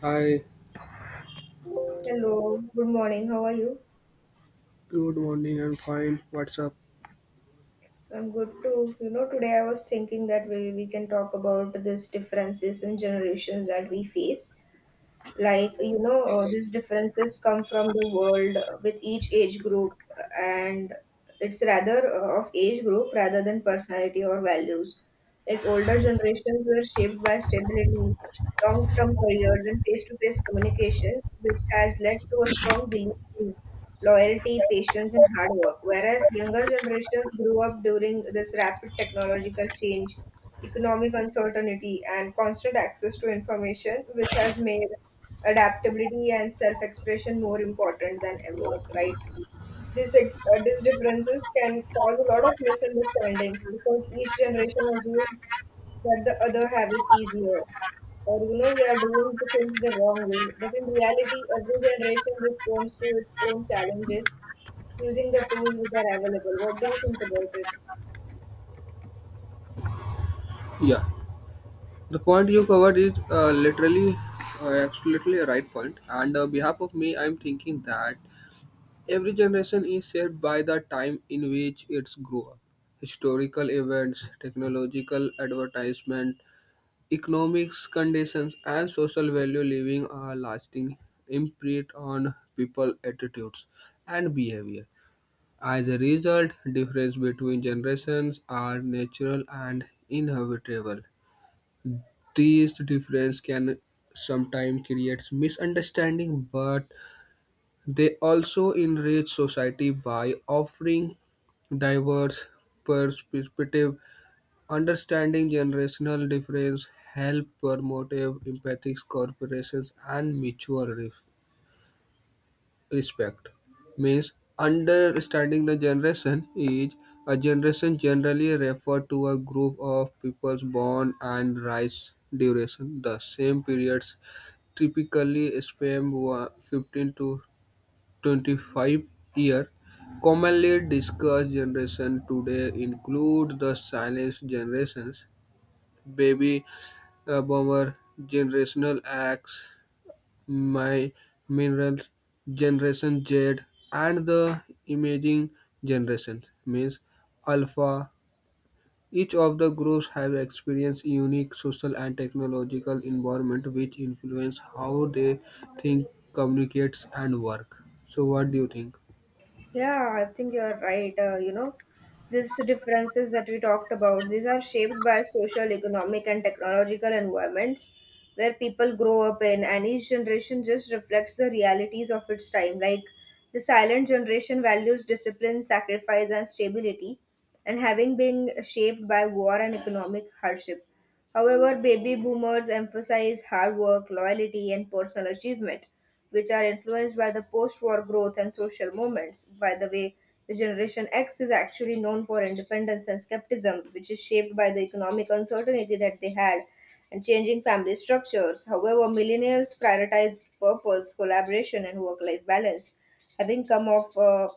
Hi, Hello, good morning. How are you? good morning. I'm fine. What's up? I'm good too. You know, today I was thinking that we can talk about these differences in generations that we face. Like, these differences come from the world with each age group, and it's rather of age group rather than personality or values. Like, older generations were shaped by stability, long term careers, and face to face communications, which has led to a strong belief in loyalty, patience, and hard work. Whereas younger generations grew up during this rapid technological change, economic uncertainty, and constant access to information, which has made adaptability and self expression more important than ever, right? These differences can cause a lot of misunderstandings because each generation assumes that the other have it easier, or we are doing the things the wrong way. But in reality, every generation responds to its own challenges using the tools which are available. What do you think about it? Yeah, the point you covered is literally, absolutely a right point. And on behalf of me, I'm thinking that every generation is shaped by the time in which it's grew up. Historical events, technological advertisement, economics conditions, and social value leaving a lasting imprint on people attitudes and behavior. As a result, differences between generations are natural and inevitable. These differences can sometimes create misunderstanding, but they also enrich society by offering diverse perspective. Understanding generational difference help promote empathy, cooperations, and mutual respect. Respect means understanding the generation is a generation generally refer to a group of peoples born and rise duration the same periods typically span 15 to 25 year commonly discussed generation today include the silent generations baby boomer generational x my mineral generation Z and the emerging generation means alpha. Each of the groups have experienced unique social and technological environment which influence how they think, communicate and work. So what do you think? Yeah, I think you're right. You know, these differences that we talked about, these are shaped by social, economic, and technological environments where people grow up in, and each generation just reflects the realities of its time. Like the silent generation values discipline, sacrifice, and stability, and having been shaped by war and economic hardship. However, baby boomers emphasize hard work, loyalty, and personal achievement, which are influenced by the post war growth and social movements. By the way, the Generation X is actually known for independence and skepticism, which is shaped by the economic uncertainty that they had and changing family structures. However, millennials prioritize purpose, collaboration, and work life balance, having come off.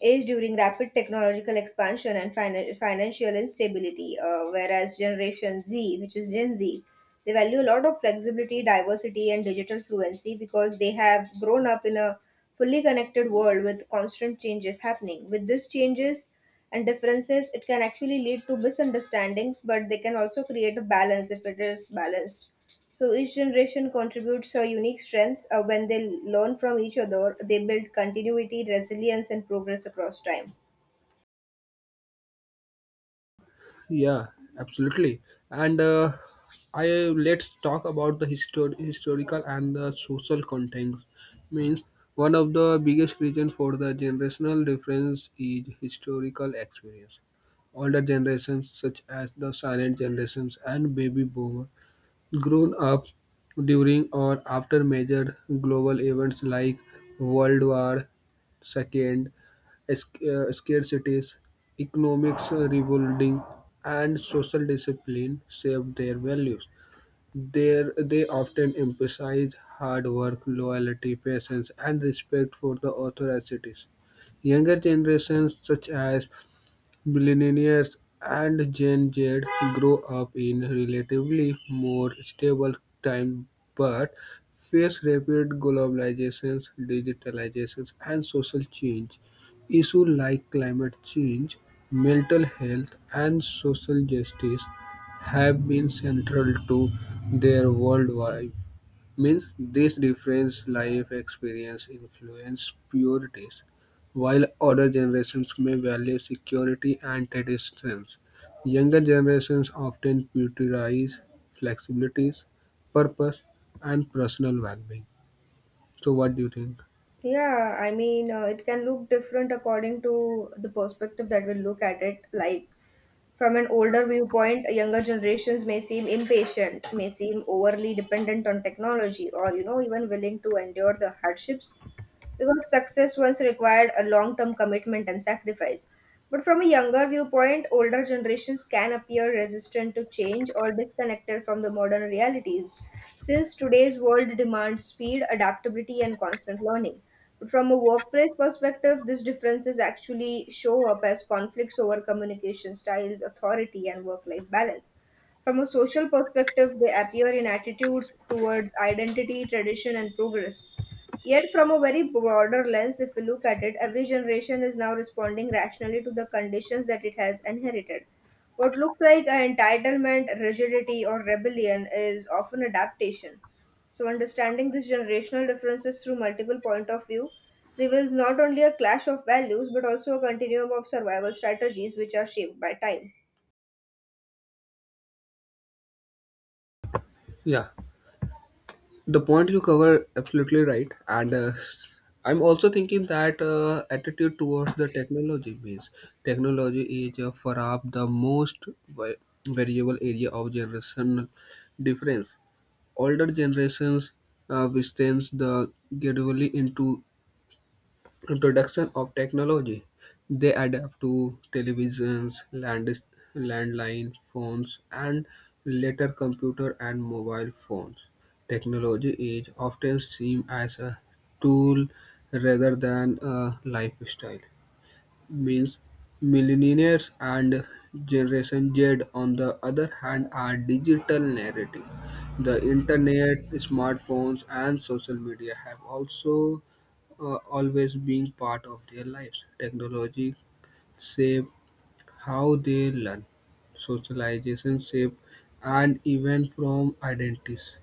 Age during rapid technological expansion and financial instability, whereas Generation Z, which is Gen Z, they value a lot of flexibility, diversity, and digital fluency because they have grown up in a fully connected world with constant changes happening. With these changes, and differences, it can actually lead to misunderstandings, but they can also create a balance if it is balanced. So each generation contributes a unique strengths. When they learn from each other, they build continuity, resilience, and progress across time. Yeah, absolutely. And I Let's talk about the historical and the social context. Means one of the biggest reason for the generational difference is historical experience. Older generations such as the silent generations and baby boomer grown up during or after major global events like World War II, scarcities, economics rebuilding, and social discipline shaped their values. There, they often emphasize hard work, loyalty, patience, and respect for the authorities. Younger generations, such as Millennials and Gen Z grow up in relatively more stable times but face rapid globalization, digitalization, and social change. Issues like climate change, mental health, and social justice have been central to their worldwide. Means this different life experience influence priorities. While older generations may value security and traditions, younger generations often prioritize flexibilities, purpose, and personal well-being. So, what do you think? Yeah, I mean, it can look different according to the perspective that we look at it. Like from an older viewpoint, younger generations may seem impatient, may seem overly dependent on technology, or even willing to endure the hardships because success once required a long term commitment and sacrifice. But from a younger viewpoint, older generations can appear resistant to change or disconnected from the modern realities, since today's world demands speed, adaptability, and constant learning. But from a workplace perspective, these differences actually show up as conflicts over communication styles, authority, and work life balance. From a social perspective, they appear in attitudes towards identity, tradition, and progress. Yet, from a very broader lens, if we look at it, every generation is now responding rationally to the conditions that it has inherited. What looks like an entitlement, rigidity, or rebellion is often adaptation. So, understanding these generational differences through multiple point of view reveals not only a clash of values but also a continuum of survival strategies which are shaped by time. Yeah, the point you cover absolutely right, and I'm also thinking that attitude towards the technology means technology is perhaps the most vi- variable area of generation difference. Older generations withstands the gradually into introduction of technology. They adapt to televisions, landline phones, and later computer and mobile phones. Technology is often seen as a tool rather than a lifestyle means millennials and Generation Z, on the other hand, are digital native. The internet, smartphones, and social media have also always been part of their lives. Technology shape how they learn, socialization shape, and even from identities.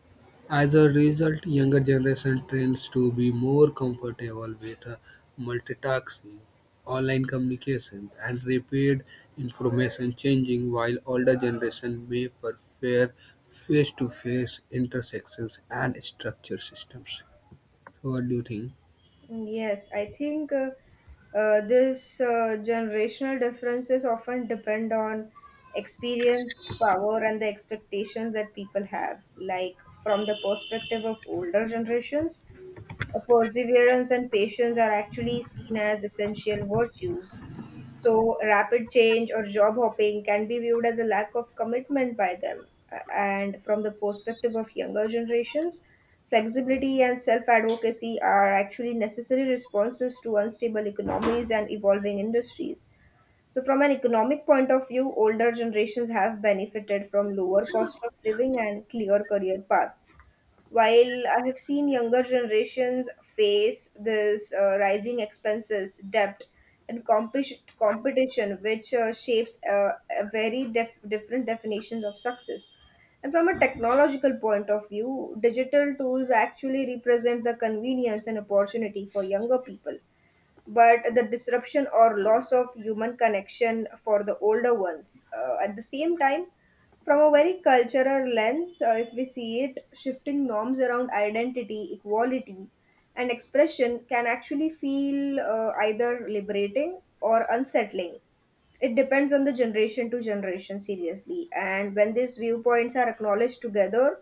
As a result, younger generation tends to be more comfortable with multitasking, online communication, and rapid information changing, while older generation may prefer face-to-face intersections and structured systems. So what do you think? Mm, yes, I think this generational differences often depend on experience, power, and the expectations that people have. Like from the perspective of older generations, perseverance and patience are actually seen as essential virtues. So, rapid change or job hopping can be viewed as a lack of commitment by them. And from the perspective of younger generations, flexibility and self advocacy are actually necessary responses to unstable economies and evolving industries. So, from an economic point of view, older generations have benefited from lower cost of living and clear career paths while I have seen younger generations face this rising expenses, debt, and competition which shapes a different definitions of success. And from a technological point of view, digital tools actually represent the convenience and opportunity for younger people but the disruption or loss of human connection for the older ones. At the same time, from a very cultural lens, if we see it, shifting norms around identity, equality, and expression can actually feel either liberating or unsettling. It depends on the generation to generation, seriously. And when these viewpoints are acknowledged together,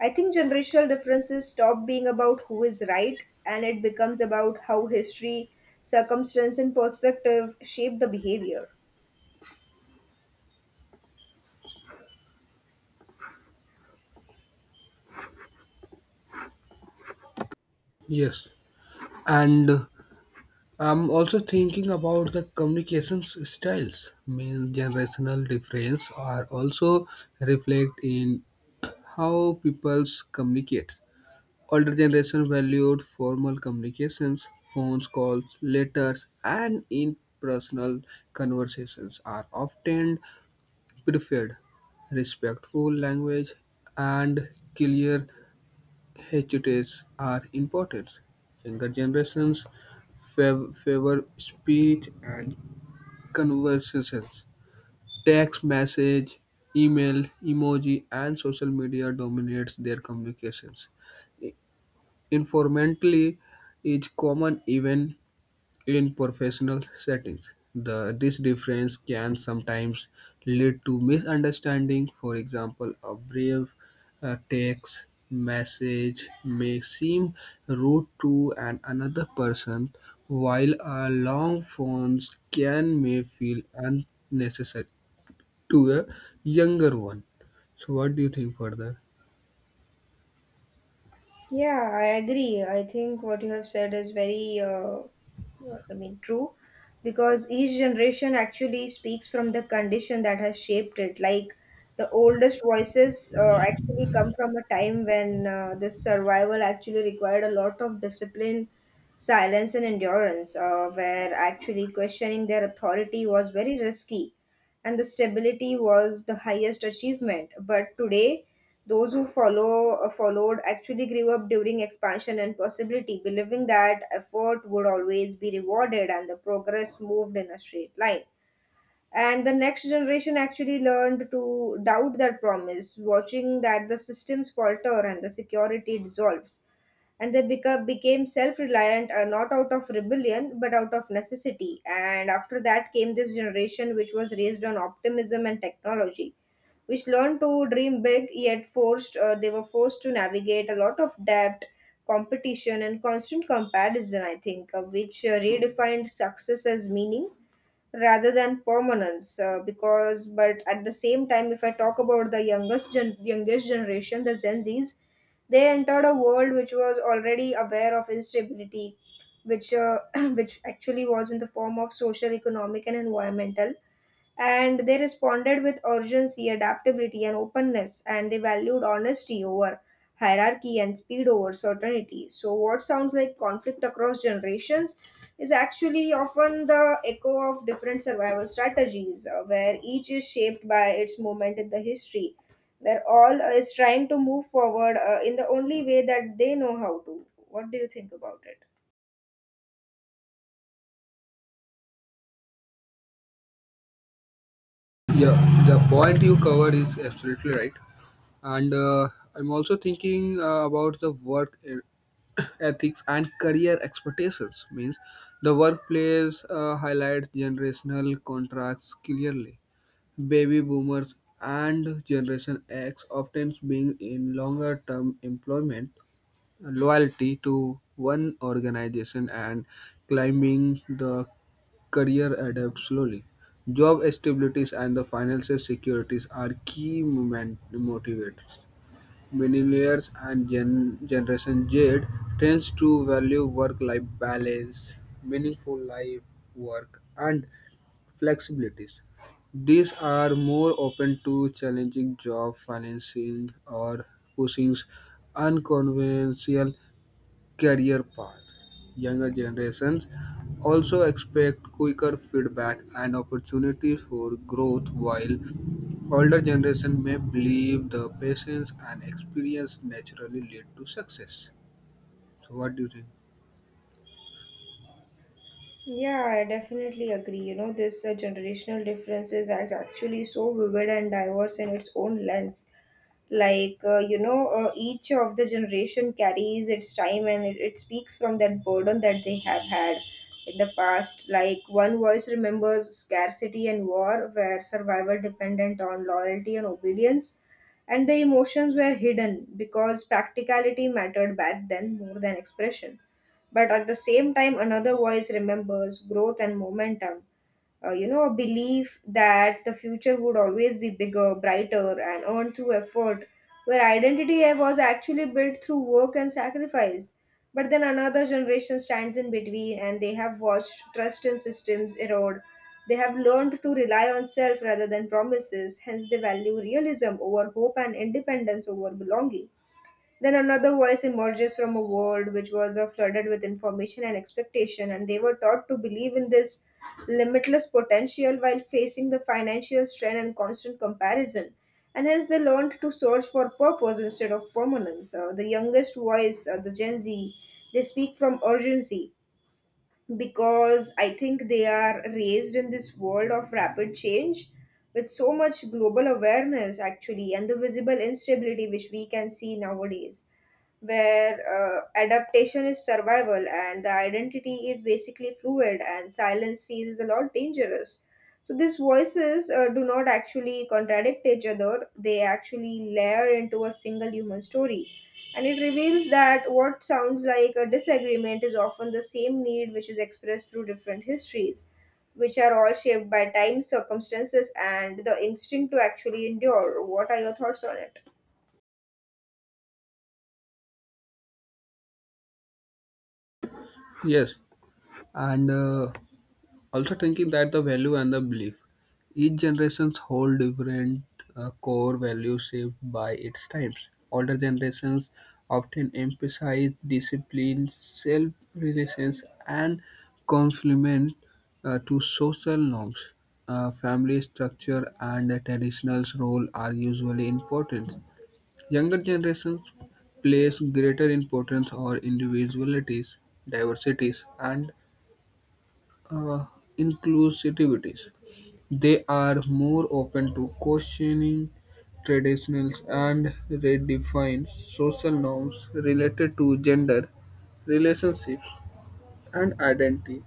I think generational differences stop being about who is right and it becomes about how history, circumstance, and perspective shape the behavior. Yes, and I'm also thinking about the communications styles. Mean generational difference are also reflect in how peoples communicate. Older generation valued formal communications, phone calls, letters, and impersonal conversations are often preferred. Respectful language and clear gestures are important. Younger generations favor speech and conversations. Text message, email, emoji, and social media dominates their communications. Informally, is common even in professional settings. This difference can sometimes lead to misunderstanding. For example, a brief text message may seem rude to an another person, while a long phone can may feel unnecessary to a younger one. So, what do you think further? Yeah, I agree. I think what you have said is very, true, because each generation actually speaks from the condition that has shaped it. Like the oldest voices actually come from a time when this survival actually required a lot of discipline, silence, and endurance, where actually questioning their authority was very risky and the stability was the highest achievement. But today, those who followed actually grew up during expansion and possibility, believing that effort would always be rewarded and the progress moved in a straight line. And the next generation actually learned to doubt that promise, watching that the systems falter and the security dissolves, and they become became self-reliant, not out of rebellion but out of necessity. And after that came this generation which was raised on optimism and technology, which learned to dream big, yet forced they were forced to navigate a lot of debt, competition, and constant comparison. I think which redefined success as meaning rather than permanence because but at the same time, if I talk about the youngest generation, the Gen Z's, they entered a world which was already aware of instability, which which actually was in the form of social, economic, and environmental, and they responded with urgency, adaptability, and openness, and they valued honesty over hierarchy and speed over certainty. So, what sounds like conflict across generations is actually often the echo of different survival strategies, where each is shaped by its moment in the history, where all is trying to move forward in the only way that they know how to. What do you think about it? Yeah, the point you covered is absolutely right. And I'm also thinking about the work ethics and career expectations. Means the workplace highlights generational contracts clearly. Baby boomers and Generation X often being in longer term employment loyalty to one organization and climbing the career adapt slowly. Job stabilities and the financial securities are key motivators. Millennials and Generation Z tends to value work-life balance, meaningful life work, and flexibilities. These are more open to challenging job financing or pushing unconventional career path. Younger generations also expect quicker feedback and opportunities for growth, while older generation may believe the patience and experience naturally lead to success. So, what do you think? Yeah, I definitely agree. You know, this generational differences are actually so vivid and diverse in its own lens. Like, each of the generation carries its time and it speaks from that burden that they have had in the past. Like, one voice remembers scarcity and war, where survival dependent on loyalty and obedience, and the emotions were hidden because practicality mattered back then more than expression. But at the same time, another voice remembers growth and momentum. You know, a belief that the future would always be bigger, brighter, and earned through effort, where identity was actually built through work and sacrifice. But then another generation stands in between and they have watched trust in systems erode. They have learned to rely on self rather than promises, hence, they value realism over hope and independence over belonging. Then another voice emerges from a world which was flooded with information and expectation, and they were taught to believe in this limitless potential while facing the financial strain and constant comparison. And hence, they learned to search for purpose instead of permanence. The youngest voice, the Gen Z, they speak from urgency because I think they are raised in this world of rapid change with so much global awareness, actually, and the visible instability which we can see nowadays, where adaptation is survival and the identity is basically fluid, and silence feels a lot dangerous. So, these voices do not actually contradict each other, they actually layer into a single human story and it reveals that what sounds like a disagreement is often the same need which is expressed through different histories, which are all shaped by time, circumstances, and the instinct to actually endure. What are your thoughts on it? Yes, and also thinking that the value and the belief each generations hold different core values shaped by its times older generations often emphasize discipline self-reliance and complement to social norms. Family structure and the traditional role are usually important younger generations place greater importance on individualities diversities and uh, inclusivities. They are more open to questioning traditionals and redefine social norms related to gender, relationships, and identity.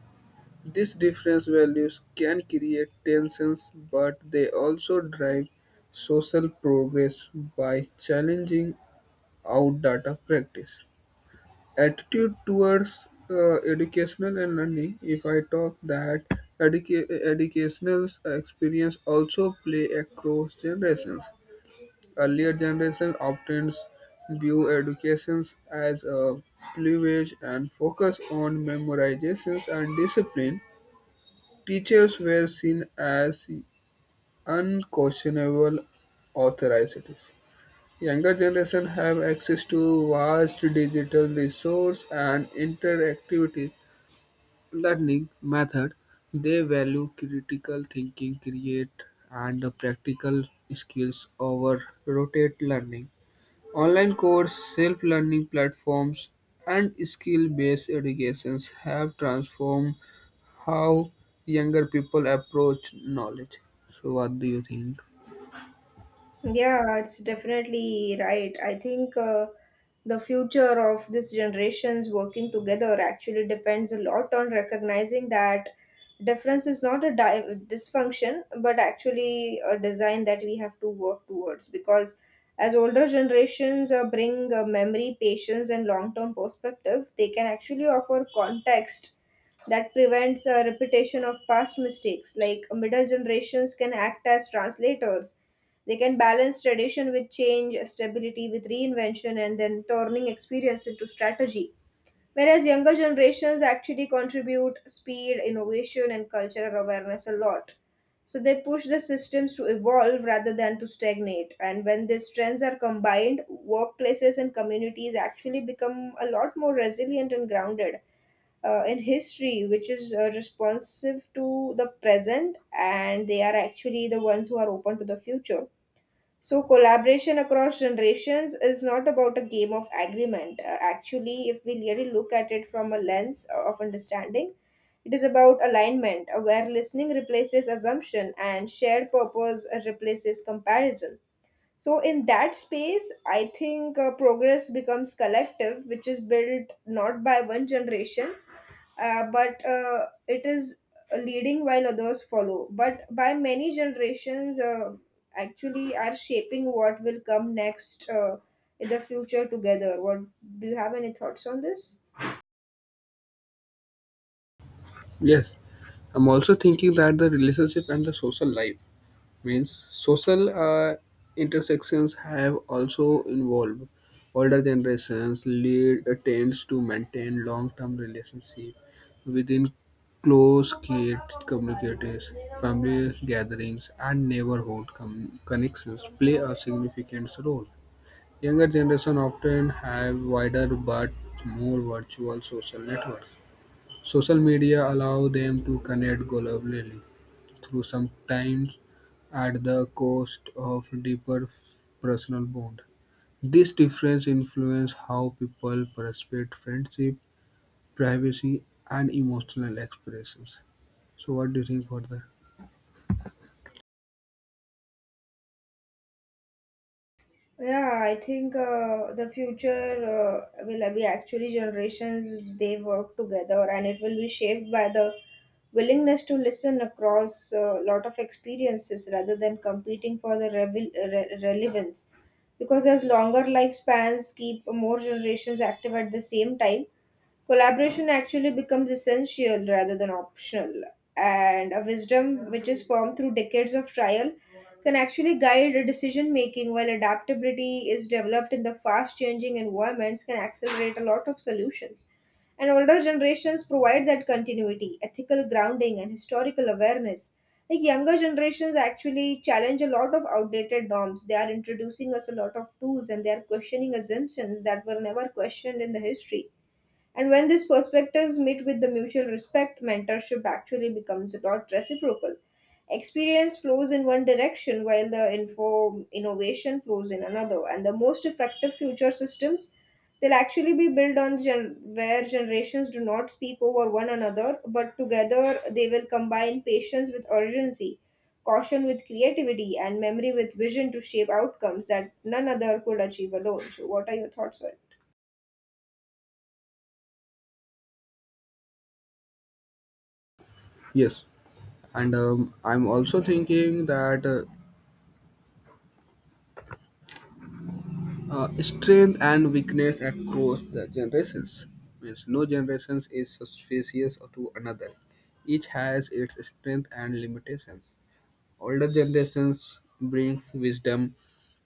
These different values can create tensions, but they also drive social progress by challenging outdated practice attitude towards educational and learning if I talk that educational experience also play across generations earlier generation often view educations as a privilege and focus on memorizations and discipline teachers were seen as unquestionable authorities. Younger generation have access to vast digital resource and interactivity learning method, they value critical thinking, create and practical skills over rotate learning. Online course, self-learning platforms, and skill-based educations have transformed how younger people approach knowledge. So, what do you think? Yeah, it's definitely right. I think the future of this generations working together actually depends a lot on recognizing that difference is not a dysfunction, but actually a design that we have to work towards. Because as older generations bring memory, patience, and long term perspective, they can actually offer context that prevents a repetition of past mistakes. Like middle generations can act as translators. They can balance tradition with change, stability with reinvention, and then turning experience into strategy. Whereas younger generations actually contribute speed, innovation, and cultural awareness a lot. So they push the systems to evolve rather than to stagnate. And when these trends are combined, workplaces and communities actually become a lot more resilient and grounded in history, which is responsive to the present, and they are actually the ones who are open to the future. So collaboration across generations is not about a game of agreement. Actually, if we really look at it from a lens of understanding, it is about alignment, where listening replaces assumption and shared purpose replaces comparison. So, in that space, I think progress becomes collective, which is built not by one generation, but it is leading while others follow, but by many generations, actually, are shaping what will come next in the future together. What Do you have any thoughts on this? Yes, I'm also thinking that the relationship and the social life. Means social intersections have also involved older generations lead attempts to maintain long-term relationship within close kid communities family gatherings and neighborhood connections play a significant role younger generation often have wider but more virtual social networks social media allow them to connect globally through, sometimes at the cost of deeper personal bond. This difference influence how people perceive friendship, privacy, and emotional expressions. So, what do you think further? Yeah, I think the future will be actually generations they work together, and it will be shaped by the willingness to listen across a lot of experiences rather than competing for the relevance. Because as longer lifespans keep more generations active at the same time, collaboration actually becomes essential rather than optional, and a wisdom which is formed through decades of trial can actually guide decision making, while adaptability is developed in the fast changing environments can accelerate a lot of solutions. And older generations provide that continuity, ethical grounding, and historical awareness. Like, younger generations actually challenge a lot of outdated norms. They are introducing us a lot of tools, and they are questioning assumptions that were never questioned in the history. And when these perspectives meet with the mutual respect, mentorship actually becomes not reciprocal. Experience flows in one direction while the info innovation flows in another. And the most effective future systems, they'll actually be built on where generations do not speak over one another, but together they will combine patience with urgency, caution with creativity, and memory with vision to shape outcomes that none other could achieve alone. So, what are your thoughts on Yes, and I'm also thinking that strength and weakness across the generations means no generation is suspicious to another. Each has its strength and limitations. Older generations brings wisdom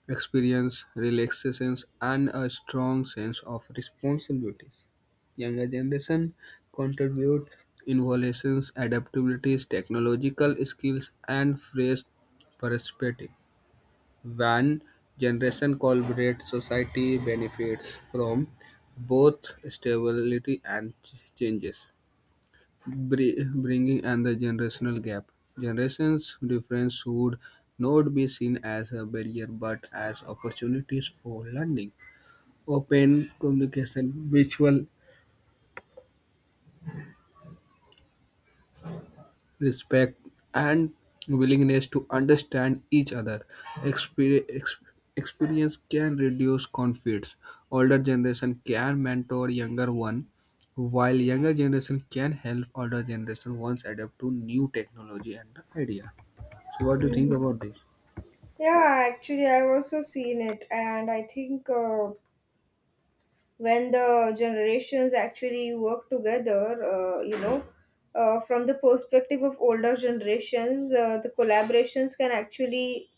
experience, relaxations, and a strong sense of responsibilities. Younger generation contribute innovations, adaptabilities, technological skills, and fresh perspective. When generation collaborate, society benefits from both stability and changes bringing and the generational gap. Generations difference would not be seen as a barrier but as opportunities for learning. Open communication, mutual respect, and willingness to understand each other. Exper- ex- Experience can reduce conflicts. Older generation can mentor younger one, while younger generation can help older generation once adapt to new technology and idea. So, what do you think it? about this? Yeah, actually, I've also seen it, and I think when the generations actually work together, you know, from the perspective of older generations, the collaborations can actually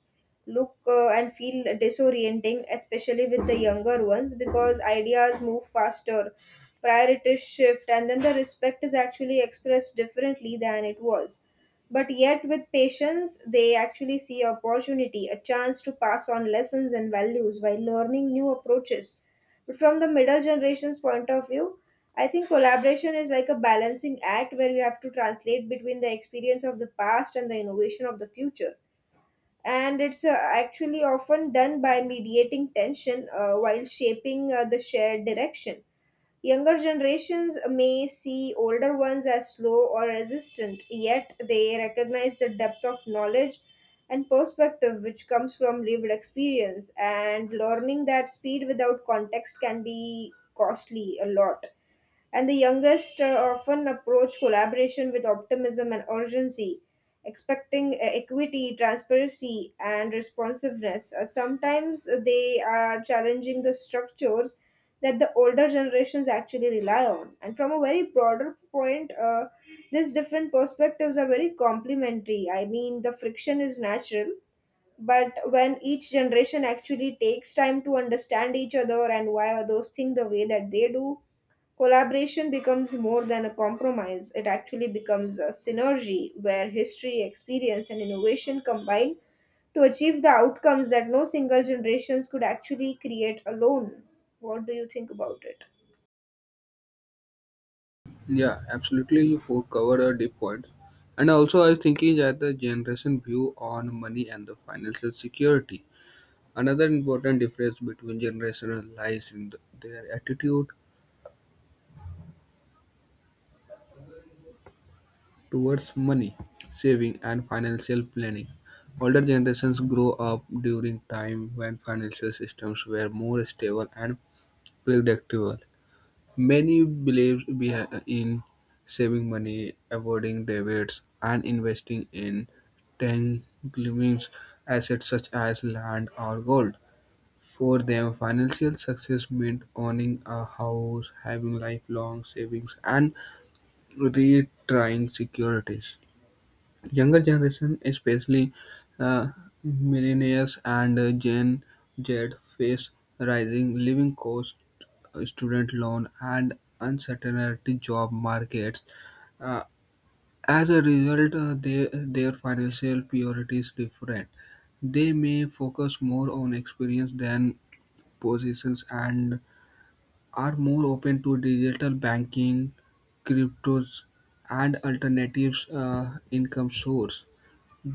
look and feel disorienting, especially with the younger ones, because ideas move faster, priorities shift, and then the respect is actually expressed differently than it was. But yet, with patience, they actually see opportunity, a chance to pass on lessons and values while learning new approaches. But from the middle generation's point of view, I think collaboration is like a balancing act where you have to translate between the experience of the past and the innovation of the future, and it's actually often done by mediating tension while shaping the shared direction. Younger generations may see older ones as slow or resistant, yet they recognize the depth of knowledge and perspective which comes from lived experience, and learning that speed without context can be costly a lot. And the youngest often approach collaboration with optimism and urgency, expecting equity, transparency, and responsiveness. Sometimes they are challenging the structures that the older generations actually rely on. And from a very broader point, these different perspectives are very complementary. I mean, the friction is natural, but when each generation actually takes time to understand each other and why others think the way that they do, collaboration becomes more than a compromise. It actually becomes a synergy where history, experience, and innovation combine to achieve the outcomes that no single generations could actually create alone. What do you think about it? Yeah, absolutely. You covered a deep point. And also, I was thinking that the generation view on money and the financial security. Another important difference between generations lies in their attitude towards money, saving, and financial planning. Older generations grow up during time when financial systems were more stable and predictable. Many believe in saving money, avoiding debts, and investing in tangible assets such as land or gold. For them, financial success meant owning a house, having lifelong savings, and retiring securities younger generation, especially uh, millennials and Gen Z, face rising living costs, student loan, and uncertainty job markets. Uh, as a result, their financial priorities different. They may focus more on experience than positions and are more open to digital banking, cryptos, and alternatives income source.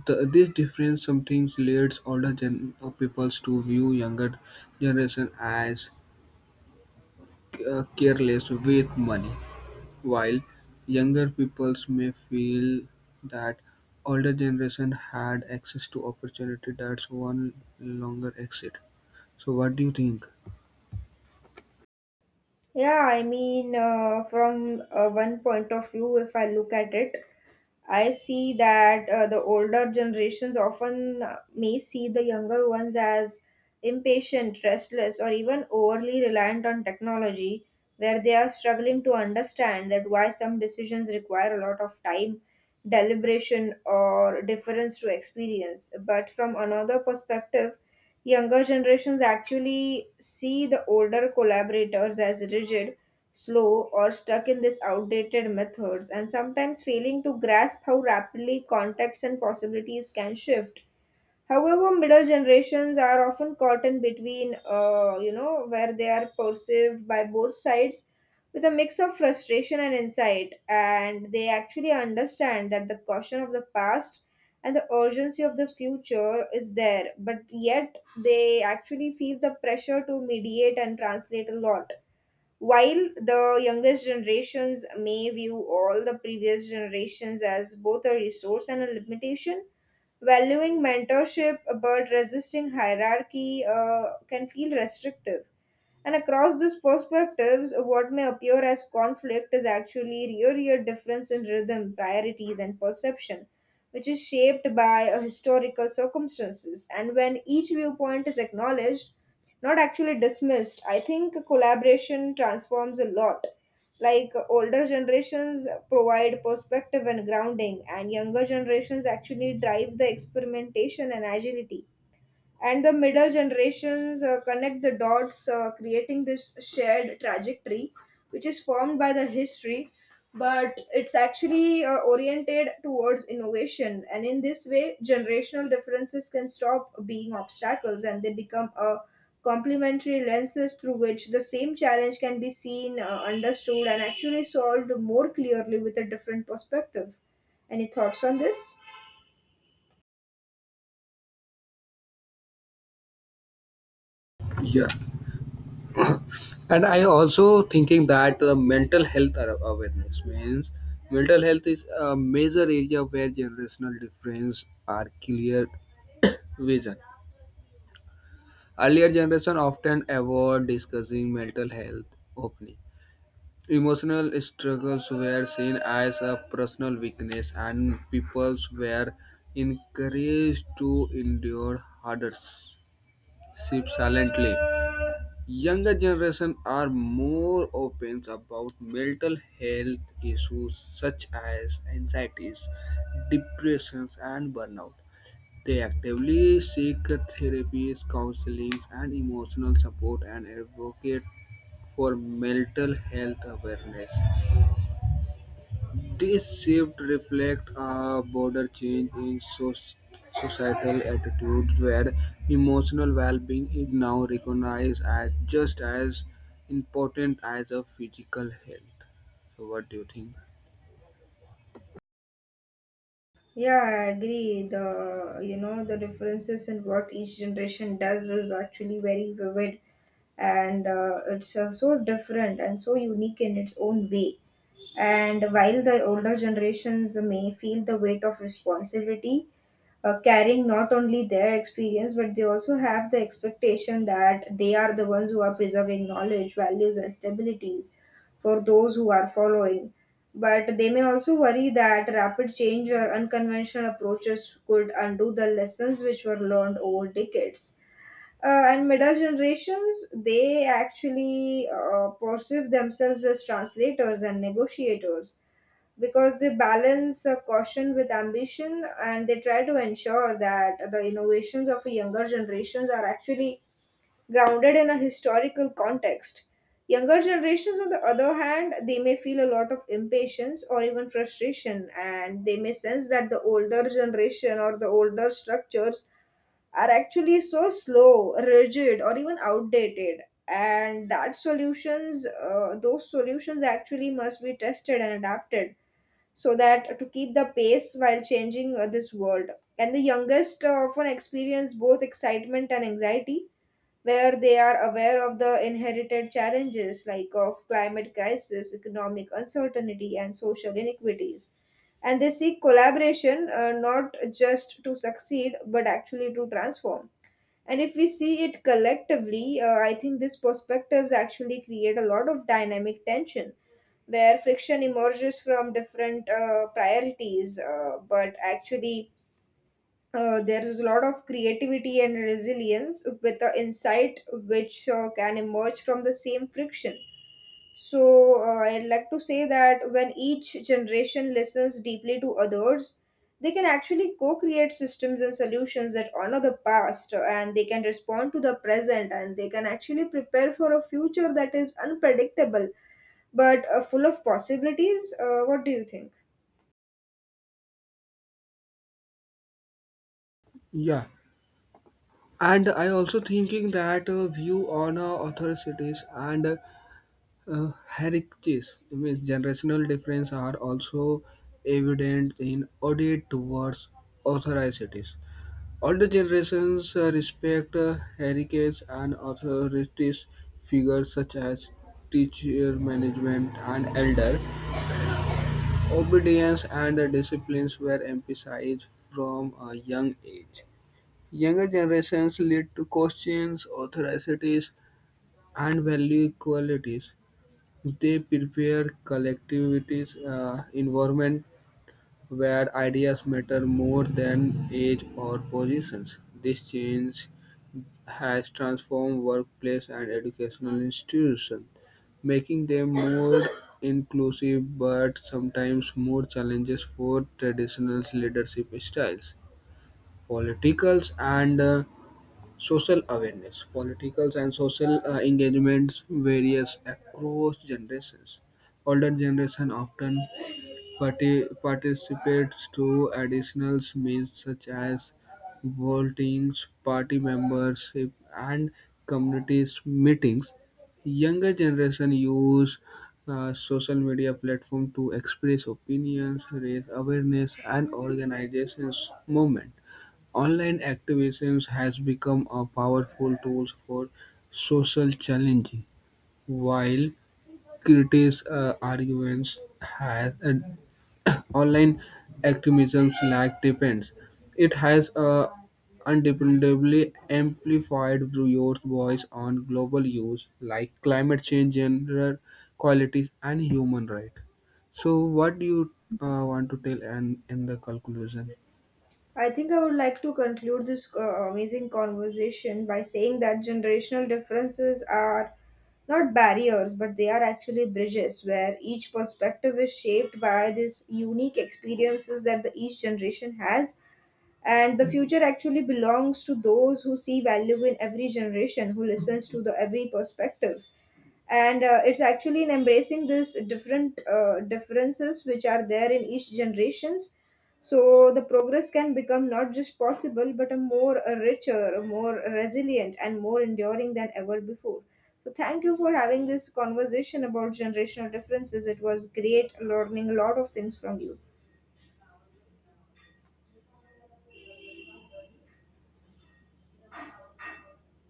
This difference sometimes leads older peoples to view younger generation as careless with money, while younger peoples may feel that older generation had access to opportunity that's one longer exit. So what do you think? Yeah, I mean, from one point of view, if I look at it, I see that the older generations often may see the younger ones as impatient, restless, or even overly reliant on technology, where they are struggling to understand that why some decisions require a lot of time, deliberation, or difference to experience. But from another perspective, younger generations actually see the older collaborators as rigid, slow, or stuck in these outdated methods and sometimes failing to grasp how rapidly contexts and possibilities can shift. However, middle generations are often caught in between, you know, where they are perceived by both sides with a mix of frustration and insight, and they actually understand that the caution of the past and the urgency of the future is there, but yet they actually feel the pressure to mediate and translate a lot, while the youngest generations may view all the previous generations as both a resource and a limitation, valuing mentorship but resisting hierarchy can feel restrictive. And across these perspectives, what may appear as conflict is actually really a difference in rhythm, priorities, and perception, which is shaped by historical circumstances. And when each viewpoint is acknowledged, not actually dismissed, I think collaboration transforms a lot. Like, older generations provide perspective and grounding, and younger generations actually drive the experimentation and agility, and the middle generations connect the dots, creating this shared trajectory which is formed by the history, but it's actually oriented towards innovation. And in this way, generational differences can stop being obstacles and they become a complementary lenses through which the same challenge can be seen, understood, and actually solved more clearly with a different perspective. Any thoughts on this? Yeah, and I also thinking that the mental health awareness means mental health is a major area where generational difference are clear vision. Earlier generation often avoid discussing mental health openly. Emotional struggles were seen as a personal weakness, and people were encouraged to endure hardship silently. Younger generation are more open about mental health issues such as anxieties, depressions, and burnout. They actively seek therapies, counseling, and emotional support and advocate for mental health awareness. This shift reflects a broader change in societal attitudes where emotional well-being is now recognized as just as important as a physical health. So what do you think? Yeah, I agree. The You know, the differences in what each generation does is actually very vivid, and it's so different and so unique in its own way. And while the older generations may feel the weight of responsibility, carrying not only their experience, but they also have the expectation that they are the ones who are preserving knowledge, values, and stabilities for those who are following. But they may also worry that rapid change or unconventional approaches could undo the lessons which were learned over decades. And middle generations, they actually perceive themselves as translators and negotiators, because they balance caution with ambition, and they try to ensure that the innovations of younger generations are actually grounded in a historical context. Younger generations, on the other hand, they may feel a lot of impatience or even frustration, and they may sense that the older generation or the older structures are actually so slow, rigid, or even outdated. And that solutions, those solutions actually must be tested and adapted so that to keep the pace while changing this world. And the youngest often experience both excitement and anxiety, where they are aware of the inherited challenges like of climate crisis, economic uncertainty, and social inequities. And they seek collaboration not just to succeed but actually to transform. And if we see it collectively, I think these perspectives actually create a lot of dynamic tension where friction emerges from different priorities, but actually there is a lot of creativity and resilience with the insight which can emerge from the same friction. So, I'd like to say that when each generation listens deeply to others, they can actually co create systems and solutions that honor the past and they can respond to the present and they can actually prepare for a future that is unpredictable but full of possibilities. What do you think? Yeah, and I also thinking that a view on authorities and heritages, I mean, generational difference are also evident in audit towards authorities. Older generations respect heritage and authorities figures such as teacher management and elder. Obedience and disciplines were emphasized from a young age. Younger generations lead to questions, authorities, and value equalities. They prepare collectivities, environment where ideas matter more than age or positions. This change has transformed workplace and educational institutions, making them more inclusive but sometimes more challenges for traditional leadership styles. Politicals and social awareness, political and social engagements varies across generations. Older generation often participates to additional means such as voting, party membership, and community meetings. Younger generation use social media platform to express opinions, raise awareness, and organizations movement. Online activism has become a powerful tool for social change, while critics arguments has online activism's lack depends. It has undependably amplified your voice on global issues like climate change, gender equality, and human rights. So, what do you want to tell and in the conclusion? I think I would like to conclude this amazing conversation by saying that generational differences are not barriers, but they are actually bridges, where each perspective is shaped by these unique experiences that the each generation has. And the future actually belongs to those who see value in every generation, who listens to the every perspective, and it's actually in embracing these different differences which are there in each generations, so the progress can become not just possible but a more a richer, a more resilient, and more enduring than ever before. So thank you for having this conversation about generational differences. It was great learning a lot of things from you.